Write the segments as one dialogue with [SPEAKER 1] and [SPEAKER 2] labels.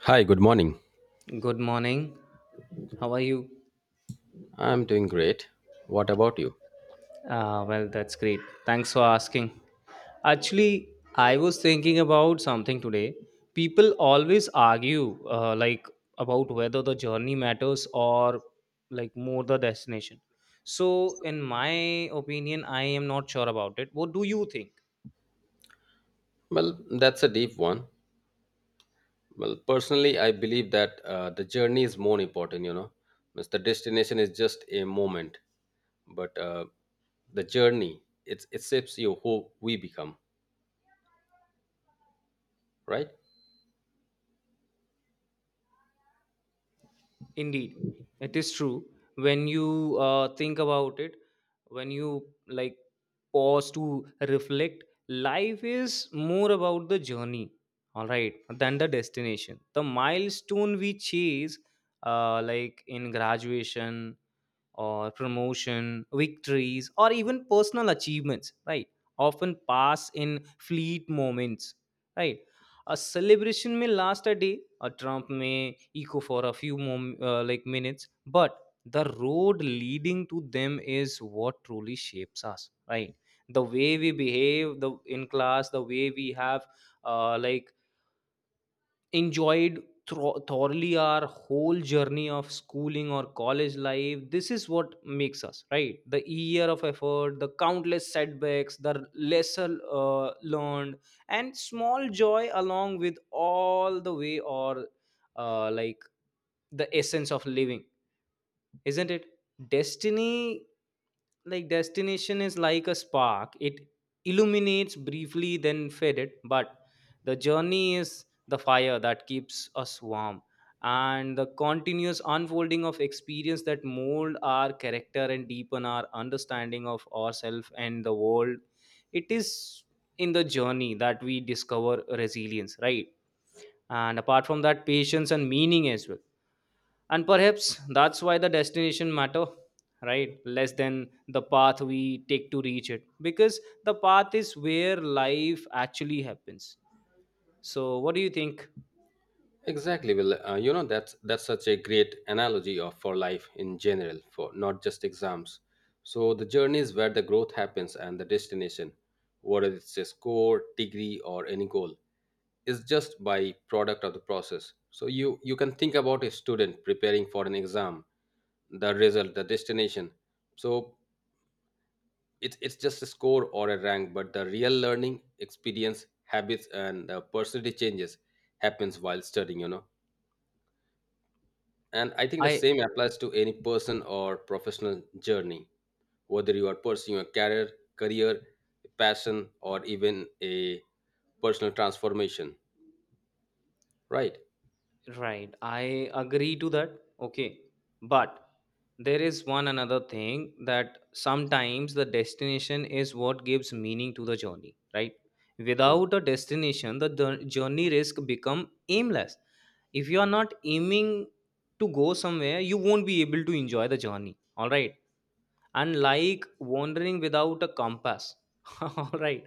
[SPEAKER 1] Hi, good morning.
[SPEAKER 2] Good morning. How are you?
[SPEAKER 1] I'm doing great. What about you?
[SPEAKER 2] Ah, well, that's great. Thanks for asking. Actually, I was thinking about something today. People always argue, about whether the journey matters, or more the destination. So, in my opinion, I am not sure about it. What do you think?
[SPEAKER 1] Well, that's a deep one. Well, personally, I believe that the journey is more important, because the destination is just a moment, but the journey it shapes you who we become, right?
[SPEAKER 2] Indeed, it is true. When you think about it, when you pause to reflect, life is more about the journey, all right, than the destination. The milestone we chase, in graduation or promotion, victories, or even personal achievements, right? Often pass in fleet moments, right? A celebration may last a day, a trump may echo for a few minutes, but the road leading to them is what truly shapes us, right? The way we behave the in class, the way we have uh, like enjoyed thoroughly our whole journey of schooling or college life, this is what makes us right. The year of effort, the countless setbacks, the lesser learned and small joy along with all the way, or uh, like the essence of living, isn't it? Destiny, destination is like a spark. It illuminates briefly then fade it, but the journey is the fire that keeps us warm, and the continuous unfolding of experience that mold our character and deepen our understanding of ourselves and the world. It is in the journey that we discover resilience, right? And apart from that, patience and meaning as well. And perhaps that's why the destination matter right less than the path we take to reach it, because the path is where life actually happens. So what do you think?
[SPEAKER 1] Exactly. Well, you know that's such a great analogy of for life in general, for not just exams. So the journey is where the growth happens and the destination, whether it's a score, degree, or any goal. Is just by product of the process. So you can think about a student preparing for an exam, the result, the destination. So it's just a score or a rank, but the real learning experience, habits, and personality changes happens while studying, you know. And I think the
[SPEAKER 2] I
[SPEAKER 1] same applies to any person or professional journey, whether you are pursuing a career, career, passion, or even a personal transformation, right?
[SPEAKER 2] Right, I agree to that. Okay, but there is one another thing, that sometimes the destination is what gives meaning to the journey, right?
[SPEAKER 1] Mm.
[SPEAKER 2] Without a destination the journey risk become aimless. If you are not aiming to go somewhere, you won't be able to enjoy the journey, all right, and like wandering without a compass. All right,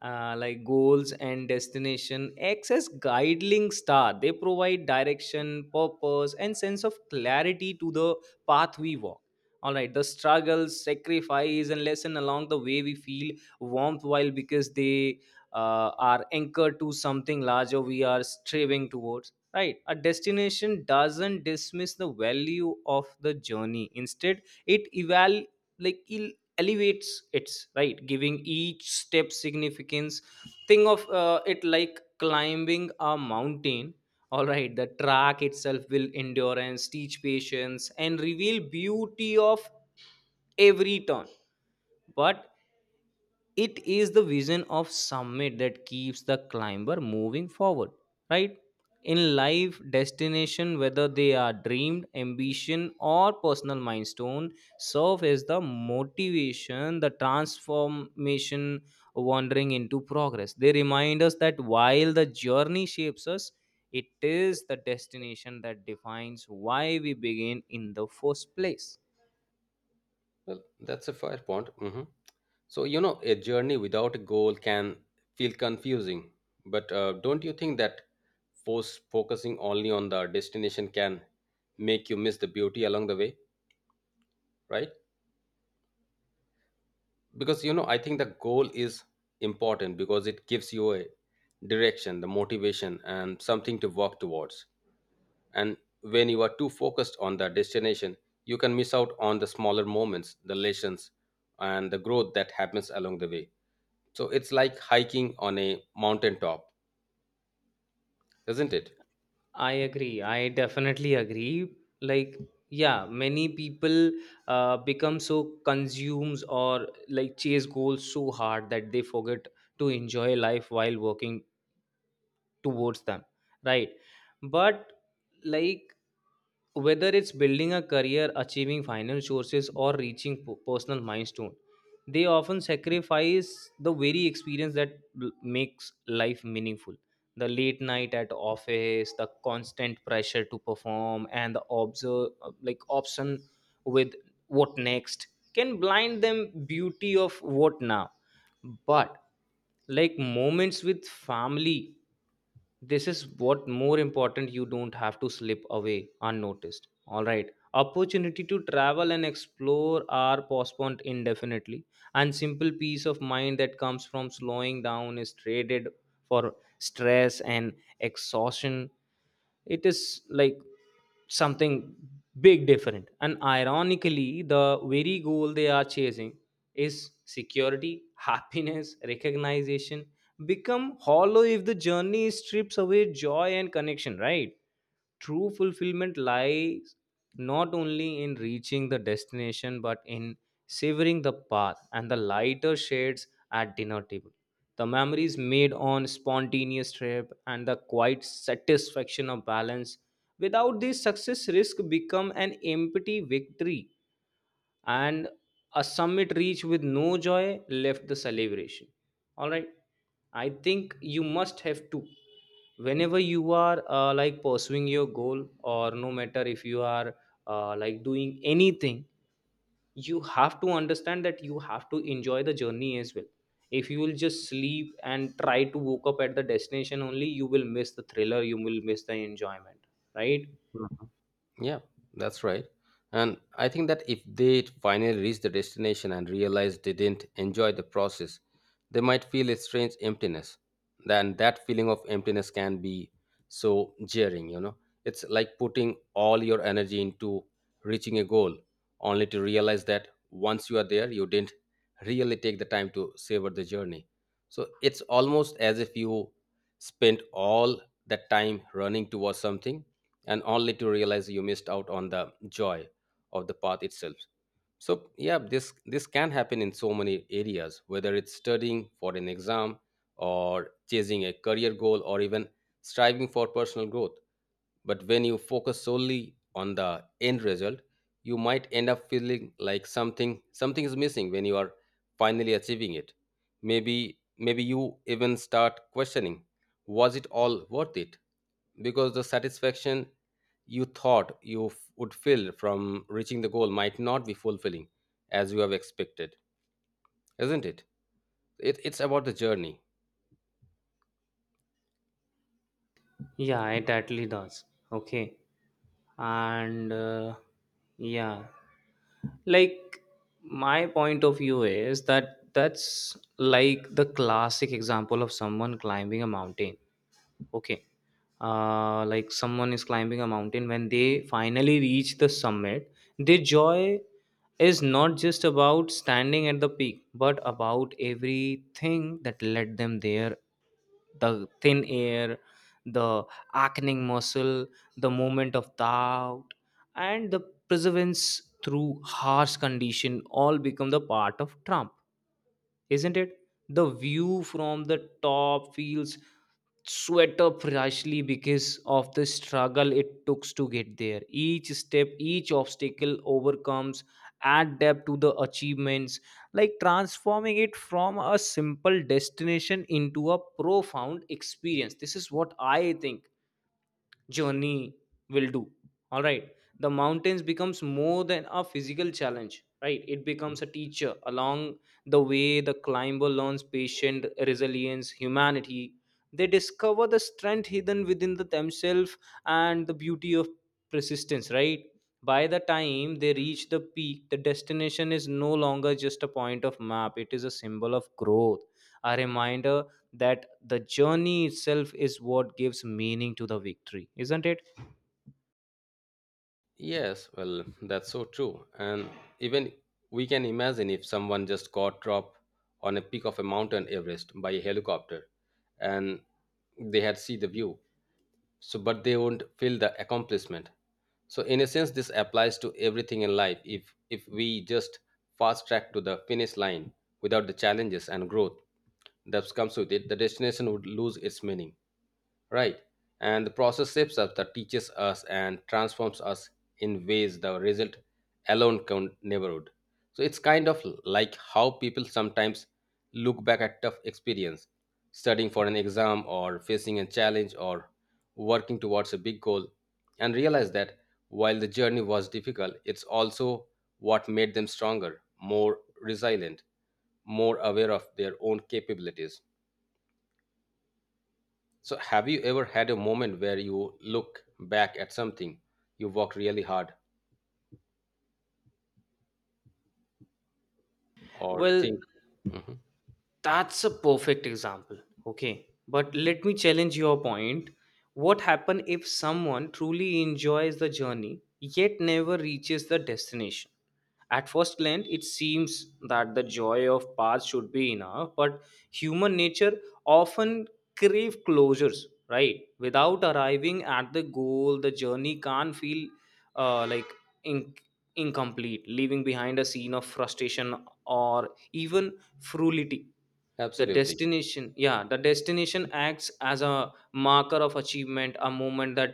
[SPEAKER 2] goals and destination acts as guiding star. They provide direction, purpose and sense of clarity to the path we walk, all right? The struggles, sacrifice and lesson along the way we feel warmth while, because they are anchored to something larger we are striving towards, right? A destination doesn't dismiss the value of the journey, instead it eval like it elevates its right, giving each step significance. Think of it like climbing a mountain, all right? The track itself will endurance, teach patience and reveal beauty of every turn. But it is the vision of summit that keeps the climber moving forward, right? In life, destination, whether they are dreamed ambition or personal milestone, serve as the motivation, the transformation, wandering into progress. They remind us that while the journey shapes us, it is the destination that defines why we begin in the first place.
[SPEAKER 1] Well, that's a fair point. Mhm. So, you know, a journey without a goal can feel confusing, but don't you think that force focusing only on the destination can make you miss the beauty along the way, right? Because, you know, I think the goal is important because it gives you a direction, the motivation, and something to work towards. And when you are too focused on the destination, you can miss out on the smaller moments, the lessons, and the growth that happens along the way. So it's like hiking on a mountain top, isn't it?
[SPEAKER 2] I agree. I definitely agree. Like, yeah, many people become so consumes, or like chase goals so hard that they forget to enjoy life while working towards them, right? But like whether it's building a career, achieving financial sources or reaching personal milestone, they often sacrifice the very experience that makes life meaningful. The late night at office, the constant pressure to perform, and the observe like option with what next, can blind them beauty of what now. But like moments with family, this is what more important, you don't have to slip away unnoticed. All right, opportunity to travel and explore are postponed indefinitely, and simple peace of mind that comes from slowing down is traded for stress and exhaustion. It is like something big different, and ironically the very goal they are chasing is security. Happiness, recognition become hollow if the journey strips away joy and connection, right? True fulfillment lies not only in reaching the destination, but in savoring the path and the lighter shades at dinner table, the memories made on spontaneous trip and the quiet satisfaction of balance. Without this, success risk become an empty victory, and a summit reached with no joy left the celebration. All right, I think you must have to. Whenever you are pursuing your goal, or no matter if you are doing anything, you have to understand that you have to enjoy the journey as well. If you will just sleep and try to woke up at the destination only, you will miss the thriller, you will miss the enjoyment, right?
[SPEAKER 1] Mm. Yeah, that's right. And I think that if they finally reach the destination and realize they didn't enjoy the process, they might feel a strange emptiness. Then that feeling of emptiness can be so jarring, you know. It's like putting all your energy into reaching a goal, only to realize that once you are there, you didn't really take the time to savor the journey. So it's almost as if you spent all that time running towards something and only to realize you missed out on the joy of the path itself. So yeah, this can happen in so many areas, whether it's studying for an exam or chasing a career goal or even striving for personal growth. But when you focus solely on the end result, you might end up feeling like something is missing when you are finally achieving it. Maybe you even start questioning, was it all worth it? Because the satisfaction you thought you would feel from reaching the goal might not be fulfilling as you have expected, isn't it? It's about the journey.
[SPEAKER 2] Yeah, it totally does. Okay, and yeah, like my point of view is that that's like the classic example of someone climbing a mountain. Okay. Someone is climbing a mountain, when they finally reach the summit, their joy is not just about standing at the peak but about everything that led them there. The thin air, the acting muscle, the moment of doubt, and the perseverance through harsh condition all become the part of trump, isn't it? The view from the top feels sweat up rashly because of the struggle it took to get there. Each step, each obstacle overcomes, add depth to the achievements, like transforming it from a simple destination into a profound experience. This is what I think journey will do, all right? The mountains becomes more than a physical challenge, right? It becomes a teacher along the way. The climber learns patience, resilience, humanity. They discover the strength hidden within the themselves, and the beauty of persistence, right? By the time they reach the peak, the destination is no longer just a point of map, it is a symbol of growth, a reminder that the journey itself is what gives meaning to the victory, isn't it?
[SPEAKER 1] Yes, well, that's so true. And even we can imagine if someone just got dropped on a peak of a mountain Everest by a helicopter and they had see the view, so but they won't feel the accomplishment. So in a sense this applies to everything in life. If we just fast track to the finish line without the challenges and growth that comes with it, the destination would lose its meaning, right? And the process shapes us, that teaches us, and transforms us in ways the result alone can never would. So it's kind of like how people sometimes look back at tough experience, studying for an exam or facing a challenge or working towards a big goal, and realize that while the journey was difficult, it's also what made them stronger, more resilient, more aware of their own capabilities. So, have you ever had a moment where you look back at something you worked really hard or
[SPEAKER 2] Well,
[SPEAKER 1] think,
[SPEAKER 2] that's a perfect example. Okay. But let me challenge your point. What happens if someone truly enjoys the journey yet never reaches the destination? At first glance, it seems that the joy of past should be enough, but human nature often crave closures, right? Without arriving at the goal, the journey can't feel uh, like in- incomplete, leaving behind a scene of frustration or even frugality. The
[SPEAKER 1] absolutely,
[SPEAKER 2] destination, yeah, the destination acts as a marker of achievement, a moment that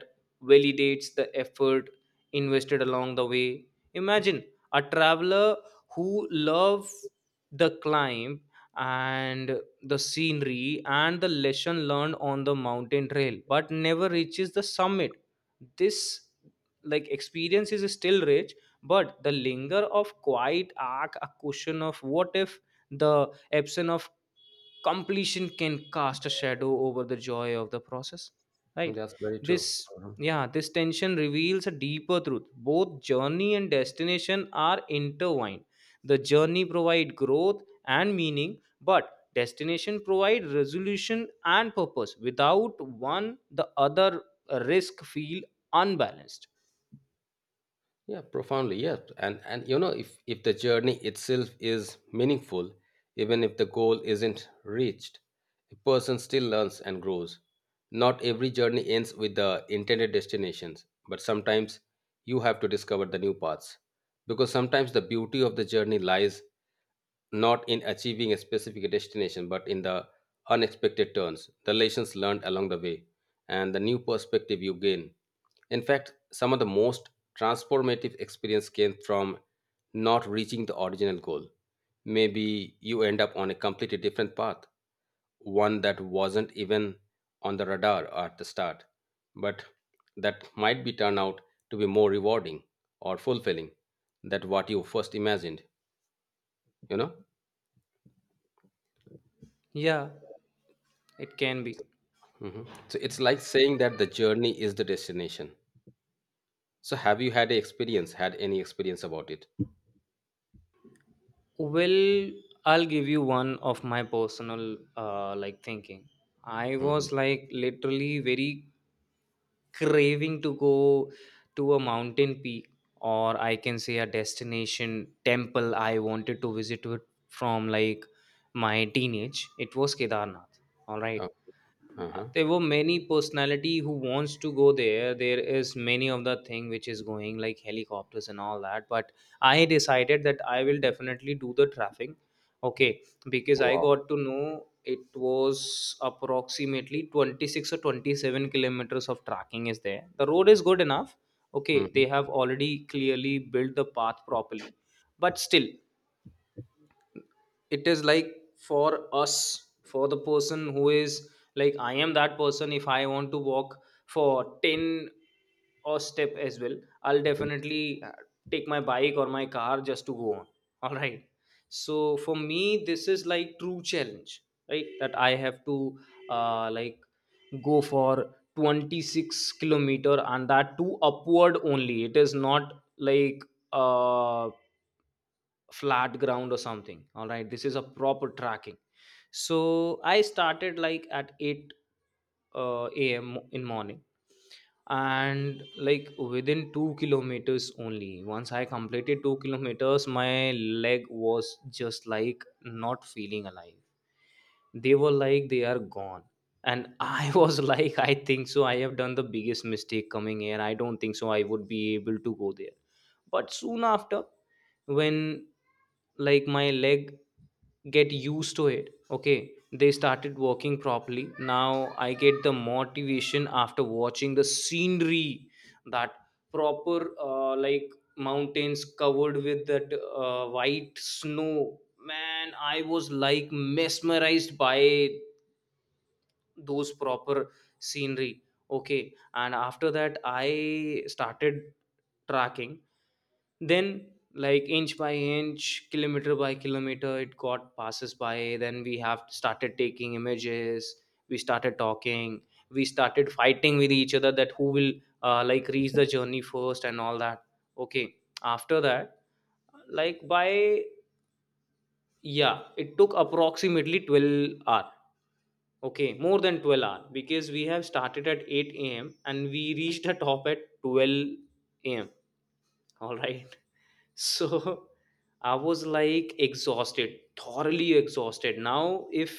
[SPEAKER 2] validates the effort invested along the way. Imagine a traveler who loves the climb and the scenery and the lesson learned on the mountain trail, but never reaches the summit. This experience is still rich, but the linger of quiet arc, a question of what if. The absence of completion can cast a shadow over the joy of the process, right?
[SPEAKER 1] that's very true.
[SPEAKER 2] this
[SPEAKER 1] Mhm.
[SPEAKER 2] Yeah, this tension reveals a deeper truth, both journey and destination are intertwined. The journey provide growth and meaning, but destination provide resolution and purpose. Without one, the other risk feel unbalanced.
[SPEAKER 1] Yeah, profoundly, yes. And you know, if the journey itself is meaningful, even if the goal isn't reached, a person still learns and grows. Not every journey ends with the intended destinations, but sometimes you have to discover the new paths. Because sometimes the beauty of the journey lies not in achieving a specific destination, but in the unexpected turns, the lessons learned along the way, and the new perspective you gain. In fact, some of the most transformative experience came from not reaching the original goal. Maybe you end up on a completely different path, one that wasn't even on the radar at the start, but that might be turned out to be more rewarding or fulfilling than what you first imagined, you know?
[SPEAKER 2] Yeah, it can be.
[SPEAKER 1] Hmm. So it's like saying that the journey is the destination. So have you had a experience? Had any experience about it?
[SPEAKER 2] Well, I'll give you one of my personal thinking. I
[SPEAKER 1] Mm-hmm.
[SPEAKER 2] was like literally very craving to go to a mountain peak, or I can say a destination temple I wanted to visit it from like my teenage. It was Kedarnath. All
[SPEAKER 1] Oh,
[SPEAKER 2] right.
[SPEAKER 1] uh-huh.
[SPEAKER 2] There were many personality who wants to go there, there is many of the thing which is going like helicopters and all that, but I decided that I will definitely do the traffic. Okay, because I
[SPEAKER 1] Wow.
[SPEAKER 2] got to know it was approximately 26 or 27 kilometers of tracking is there. The road is good enough, okay,
[SPEAKER 1] Mm-hmm.
[SPEAKER 2] they have already clearly built the path properly, but still it is like for us, for the person who is like, I am that person, if I want to walk for 10 or step as well, I'll definitely take my bike or my car just to go on. All right, so for me, this is like true challenge, right? That I have to uh, like go for 26 kilometer and that too upward only, it is not like uh flat ground or something, all right? This is a proper tracking. So I started like at 8 am in morning, and like within 2 kilometers only, once I completed 2 kilometers, my leg was just like not feeling alive, they were like they are gone, and I was like, I think so I have done the biggest mistake coming here, I don't think so I would be able to go there. But soon after, when like my leg get used to it, okay, they started walking properly. Now I get the motivation after watching the scenery, that proper mountains covered with that white snow, man I was like mesmerized by those proper scenery. Okay, and after that I started tracking. Then like inch by inch, kilometer by kilometer, it got passes by. Then we have started taking images, we started talking, we started fighting with each other that who will reach the journey first and all that. Okay, after that, like by, yeah it took approximately 12 hour, okay, more than 12 hour, because We have started at 8 a.m. and we reached the top at 12 a.m. All right. So, I was like exhausted, thoroughly exhausted. Now, if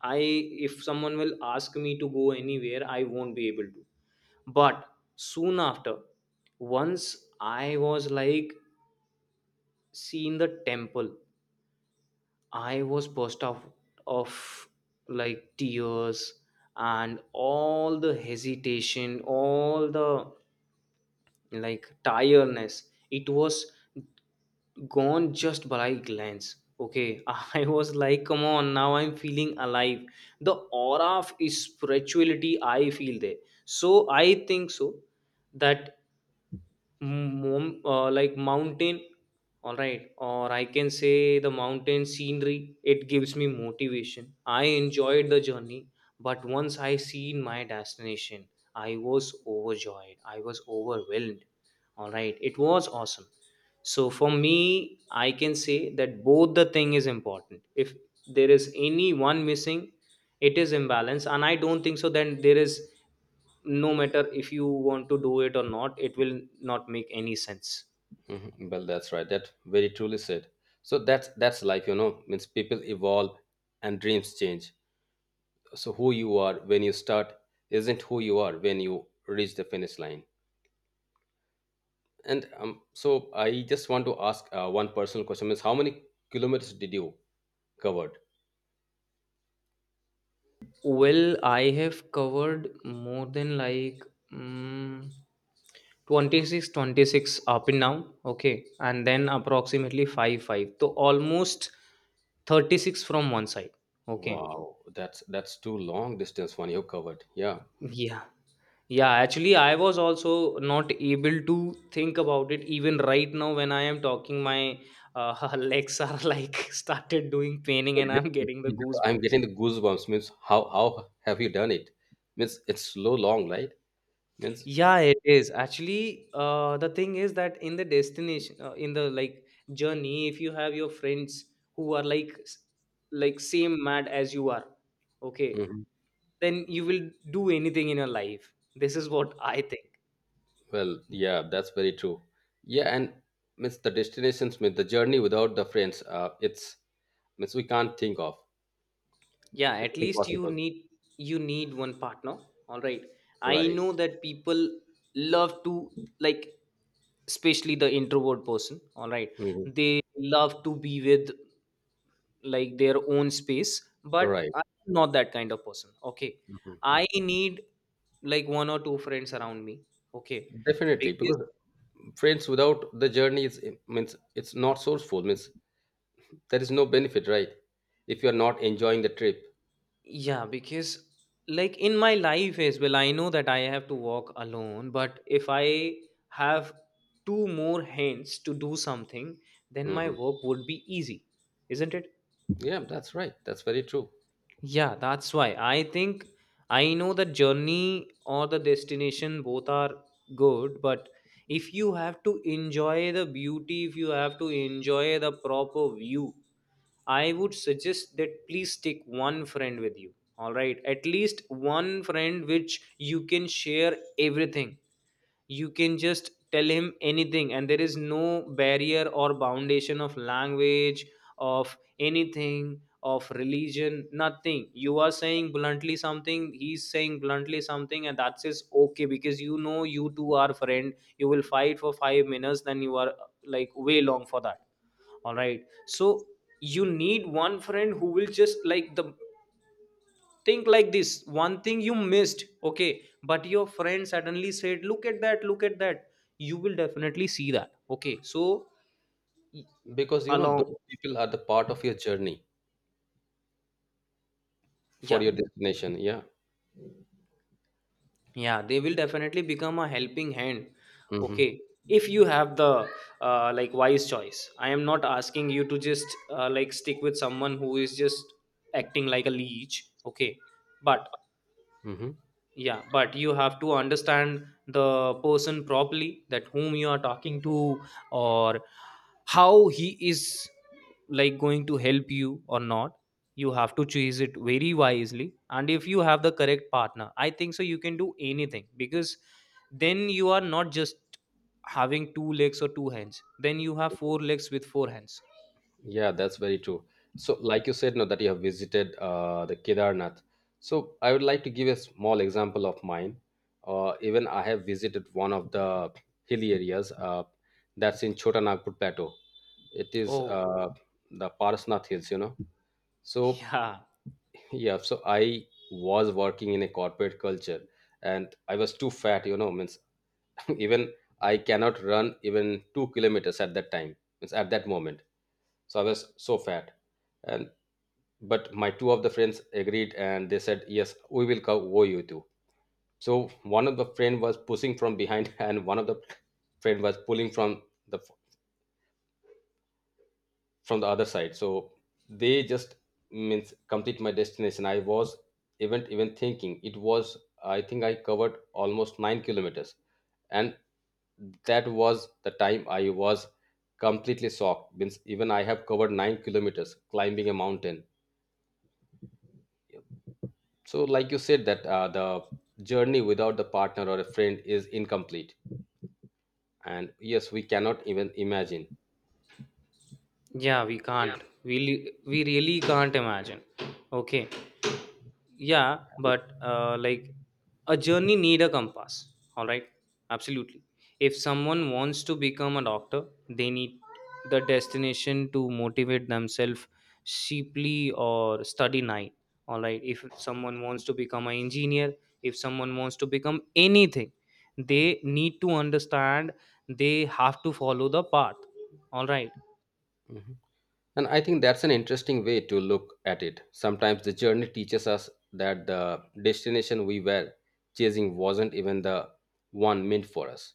[SPEAKER 2] I if someone will ask me to go anywhere, I won't be able to. But soon after, once I was like seeing the temple, I was burst out of like tears and all the hesitation, all the like tiredness. It was gone just by a glance. Okay, I was like, come on, now I'm feeling alive. The aura of spirituality I feel there. So I think so that like mountain. All right, or I can say the mountain scenery, it gives me motivation. I enjoyed the journey, but once I seen my destination, I was overjoyed, I was overwhelmed. All right, it was awesome. So for me, I can say that both the thing is important. If there is any one missing, it is imbalance, and I don't think so then there is no matter if you want to do it or not, it will not make any sense.
[SPEAKER 1] Mm-hmm. Well, that's right. That very truly said. So that's life, you know. Means people evolve and dreams change. So who you are when you start isn't who you are when you reach the finish line. And so I just want to ask one personal question: Means how many kilometers did you covered?
[SPEAKER 2] Well, I have covered more than like mm 26 twenty-six up and down. Okay, and then approximately 5 5, so almost 36 from one side. Okay.
[SPEAKER 1] Wow, that's too long distance one you covered. Yeah.
[SPEAKER 2] Yeah. Yeah, actually I was also not able to think about it. Even right now when I am talking, my legs are like started doing paining and I'm getting the
[SPEAKER 1] I'm
[SPEAKER 2] goosebumps.
[SPEAKER 1] getting the goosebumps. Means how have you done it? Means it's so long, right? Means
[SPEAKER 2] Yeah, it is. Actually, the thing is that in the destination, in the like journey, if you have your friends who are like like same mad as you are, okay,
[SPEAKER 1] mhm.
[SPEAKER 2] then you will do anything in your life. This is what I think.
[SPEAKER 1] Well, yeah, that's very true. Yeah, and means the destinations, means the journey without the friends. It's means we can't think of.
[SPEAKER 2] Yeah,
[SPEAKER 1] It's
[SPEAKER 2] at least you
[SPEAKER 1] impossible.
[SPEAKER 2] need you need one partner. All right. I
[SPEAKER 1] Right.
[SPEAKER 2] know that people love to like, especially the introvert person, all right,
[SPEAKER 1] Hmm.
[SPEAKER 2] they love to be with like their own space, but
[SPEAKER 1] Right.
[SPEAKER 2] I'm not that kind of person. Okay,
[SPEAKER 1] Hmm.
[SPEAKER 2] I need like one or two friends around me. Okay,
[SPEAKER 1] Definitely,
[SPEAKER 2] because
[SPEAKER 1] because friends without the journey is it means it's not sourceful. Means there is no benefit, right? If you are not enjoying the trip,
[SPEAKER 2] yeah, because like in my life as well, I know that I have to walk alone, but if I have two more hands to do something, then my
[SPEAKER 1] hmm.
[SPEAKER 2] work would be easy, isn't it?
[SPEAKER 1] Yeah, that's right. That's very true.
[SPEAKER 2] Yeah, that's why I think I know the journey or the destination both are good, but if you have to enjoy the beauty, if you have to enjoy the proper view, I would suggest that please take one friend with you. All right, at least one friend which you can share everything, you can just tell him anything, and there is no barrier or foundation of language, of anything, of religion, nothing. You are saying bluntly something, he's saying bluntly something, and that's is okay because you know you two are friend, you will fight for 5 minutes then you are like way long for that. All right. So you need one friend who will just like the think like this one thing you missed. Okay, but your friend suddenly said, look at that, look at that, you will definitely see that. Okay, so y-
[SPEAKER 1] Because you know
[SPEAKER 2] along.
[SPEAKER 1] those people are the part of your journey for
[SPEAKER 2] Yeah.
[SPEAKER 1] your destination. Yeah.
[SPEAKER 2] Yeah, they will definitely become a helping hand.
[SPEAKER 1] Hmm.
[SPEAKER 2] Okay, if you have the like wise choice, I am not asking you to just like stick with someone who is just acting like a leech. Okay, but
[SPEAKER 1] Hmm.
[SPEAKER 2] yeah, but you have to understand the person properly, that whom you are talking to, or how he is like going to help you or not. You have to choose it very wisely, and if you have the correct partner, I think so you can do anything because then you are not just having two legs or two hands, then you have four legs with four hands.
[SPEAKER 1] Yeah, that's very true. So, like you said, now that you have visited the Kedarnath, so I would like to give a small example of mine. Even I have visited one of the hilly areas that's in Chota Nagpur Plateau. It is
[SPEAKER 2] Oh.
[SPEAKER 1] the Parasnath Hills, you know. So
[SPEAKER 2] Yeah.
[SPEAKER 1] yeah, so I was working in a corporate culture and I was too fat, you know, means even I cannot run even 2 kilometers at that time, means at that moment. So I was so fat. And but my two of the friends agreed and they said, Yes, we will cover you too. So one of the friend was pushing from behind and one of the friend was pulling the from the other side. So they just means complete my destination. I was even thinking it was, I think I covered almost 9 kilometers. And that was the time I was completely shocked. Means even I have covered 9 kilometers climbing a mountain. So like you said that the journey without the partner or a friend is incomplete, and yes we cannot even imagine.
[SPEAKER 2] Yeah, we can't, we really can't imagine. Okay. Yeah, but like a journey need a compass, all right, absolutely. If someone wants to become a doctor, they need the destination to motivate themselves, cheaply or study night, all right. If someone wants to become an engineer, if someone wants to become anything, they need to understand they have to follow the path, all right.
[SPEAKER 1] Mhm. And I think that's an interesting way to look at it. Sometimes the journey teaches us that the destination we were chasing wasn't even the one meant for us.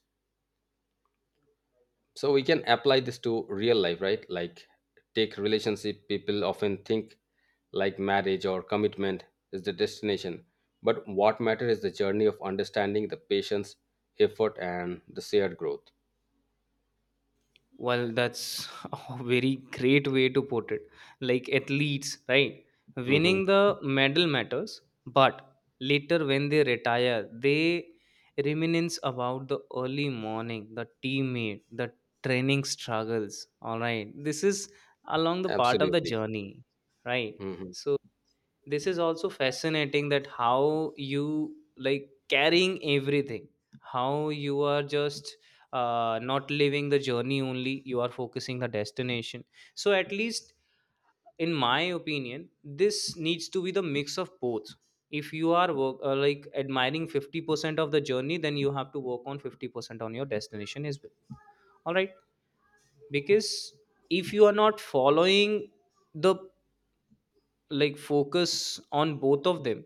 [SPEAKER 1] So we can apply this to real life, right? Like take relationship, people often think like marriage or commitment is the destination, but what matters is the journey of understanding the patience, effort and the shared growth.
[SPEAKER 2] Well, that's a very great way to put it. Like athletes, right?
[SPEAKER 1] Mhm.
[SPEAKER 2] Winning the medal matters, but later when they retire, they reminisce about the early morning, the teammate, the training struggles. All right. This is along the part of the
[SPEAKER 1] Absolutely.
[SPEAKER 2] journey, right?
[SPEAKER 1] Mhm.
[SPEAKER 2] So this is also fascinating that how you like carrying everything, how you are just not living the journey only, you are focusing the destination. So at least in my opinion, this needs to be the mix of both. If you are like admiring 50% of the journey, then you have to work on 50% on your destination as well, all right, because if you are not following the like focus on both of them,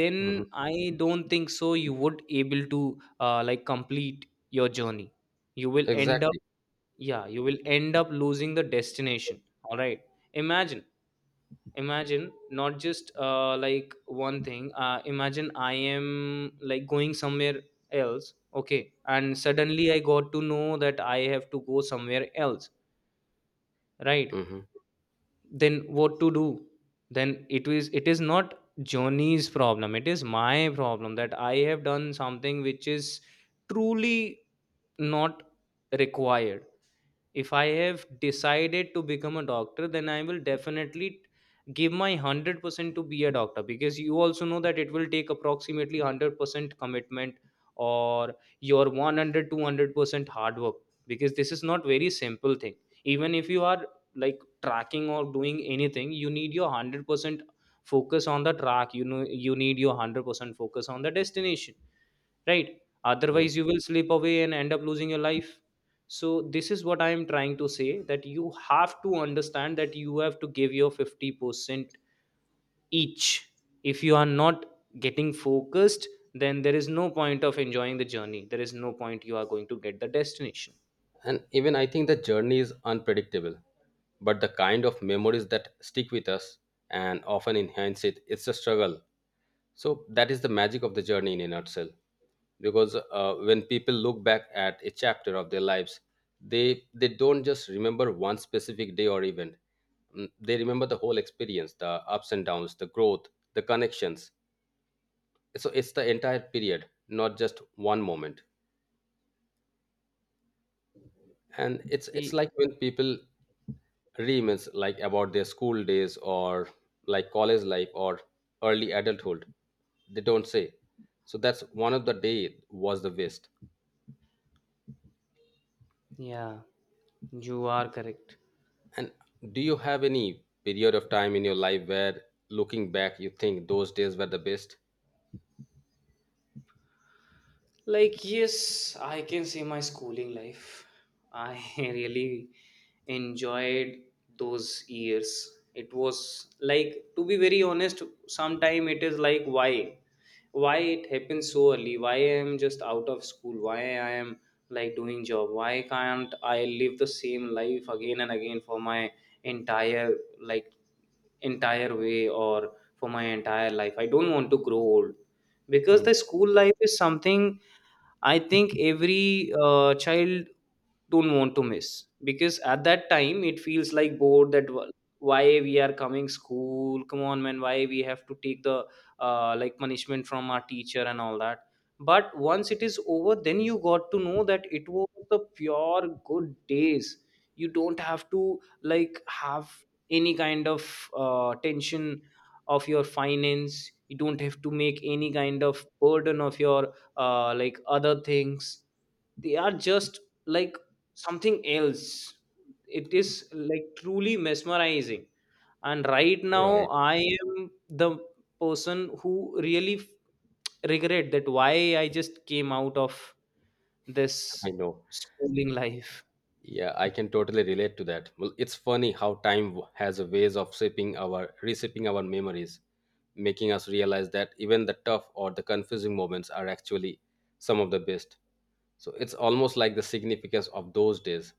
[SPEAKER 2] then
[SPEAKER 1] Mhm.
[SPEAKER 2] I don't think so you would able to like complete your journey, you will end up.
[SPEAKER 1] Exactly.
[SPEAKER 2] Yeah, you will end up losing the destination. All right. Imagine, imagine not just like one thing, imagine I am like going somewhere else. Okay, and suddenly I got to know that I have to go somewhere else, right?
[SPEAKER 1] Mhm.
[SPEAKER 2] Then what to do? Then it is not Johnny's problem, it is my problem, that I have done something which is truly not required. If I have decided to become a doctor, then I will definitely give my 100% to be a doctor because you also know that it will take approximately 100% commitment or your one hundred two hundred percent hard work, because this is not very simple thing. Even if you are like tracking or doing anything, you need your 100% focus on the track, you know, you need your 100% focus on the destination, right? Otherwise you will slip away and end up losing your life. So this is what I am trying to say, that you have to understand that you have to give your 50% each. If you are not getting focused, then there is no point of enjoying the journey, there is no point you are going to get the destination.
[SPEAKER 1] And even I think the journey is unpredictable, but the kind of memories that stick with us and often enhance it, it's a struggle. So that is the magic of the journey in a nutshell. Because when people look back at a chapter of their lives, they don't just remember one specific day or event. Mm, they remember the whole experience, the ups and downs, the growth, the connections. So it's the entire period, not just one moment. And it's
[SPEAKER 2] Y-
[SPEAKER 1] like when people reminisce like about their school days or like college life or early adulthood, they don't say so that's one of the day was the best.
[SPEAKER 2] yeah, you are correct.
[SPEAKER 1] And do you have any period of time in your life where looking back you think those days were the best?
[SPEAKER 2] Like, yes, I can say my schooling life. I really enjoyed those years. It was like, to be very honest, sometime it is like, why? Why it happens so early? Why I am just out of school? Why I am like doing job? Why can't I live the same life again and again for my entire like entire way or for my entire life? I don't want to grow old, because
[SPEAKER 1] Hmm.
[SPEAKER 2] the school life is something I think every child don't want to miss, because at that time it feels like bored that why we are coming school, come on man, why we have to take the like punishment from our teacher and all that. But once it is over, then you got to know that it was the pure good days. You don't have to like have any kind of tension of your finance, you don't have to make any kind of burden of your like other things. They are just like something else. It is like truly mesmerizing. And right now
[SPEAKER 1] Right.
[SPEAKER 2] I am the person who really regret that why I just came out of this
[SPEAKER 1] I know.
[SPEAKER 2] schooling life.
[SPEAKER 1] Yeah, I can totally relate to that. Well, it's funny how time has a ways of shaping our reshaping our memories, making us realize that even the tough or the confusing moments are actually some of the best. So it's almost like the significance of those days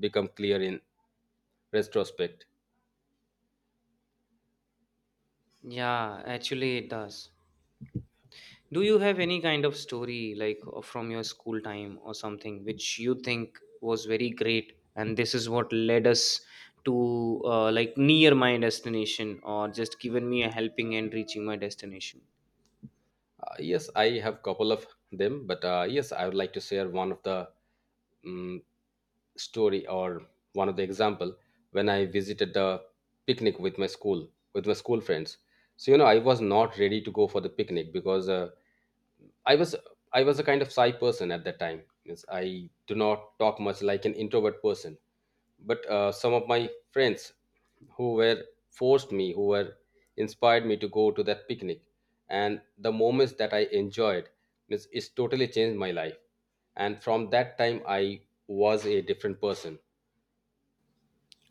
[SPEAKER 1] become clear in retrospect.
[SPEAKER 2] Yeah, actually it does. Do you have any kind of story like from your school time or something which you think was very great, and this is what led us to like near my destination or just given me a helping hand reaching my destination?
[SPEAKER 1] Yes, I have couple of them, but yes, I would like to share one of the um, story or one of the example when I visited the picnic with my school friends. So you know, I was not ready to go for the picnic because I was I was a kind of shy person at that time. Means I do not talk much like an introvert person. But some of my friends who were forced me, who were inspired me to go to that picnic, and the moments that I enjoyed, means it's totally changed my life. And from that time, I was a different person.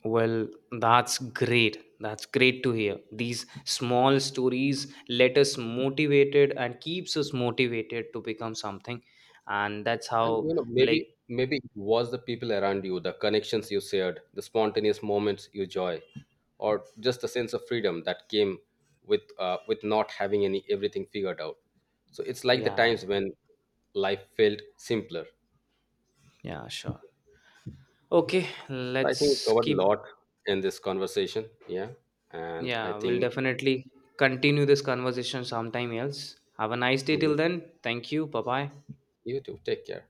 [SPEAKER 2] Well, that's great. That's great to hear. These small stories let us motivated and keeps us motivated to become something, and that's
[SPEAKER 1] And
[SPEAKER 2] how
[SPEAKER 1] you know, maybe
[SPEAKER 2] like.
[SPEAKER 1] maybe it was the people around you, the connections you shared, the spontaneous moments you joy or just the sense of freedom that came with not having any everything figured out. So it's like the
[SPEAKER 2] Yeah.
[SPEAKER 1] times when life felt simpler.
[SPEAKER 2] Yeah, sure. Okay,
[SPEAKER 1] So I think we
[SPEAKER 2] let's
[SPEAKER 1] covered a
[SPEAKER 2] keep.
[SPEAKER 1] lot in this conversation. Yeah, and I
[SPEAKER 2] Yeah, we'll
[SPEAKER 1] think
[SPEAKER 2] definitely continue this conversation sometime else. Have a nice day till
[SPEAKER 1] mm,
[SPEAKER 2] then. Thank you. Bye bye.
[SPEAKER 1] you too take care.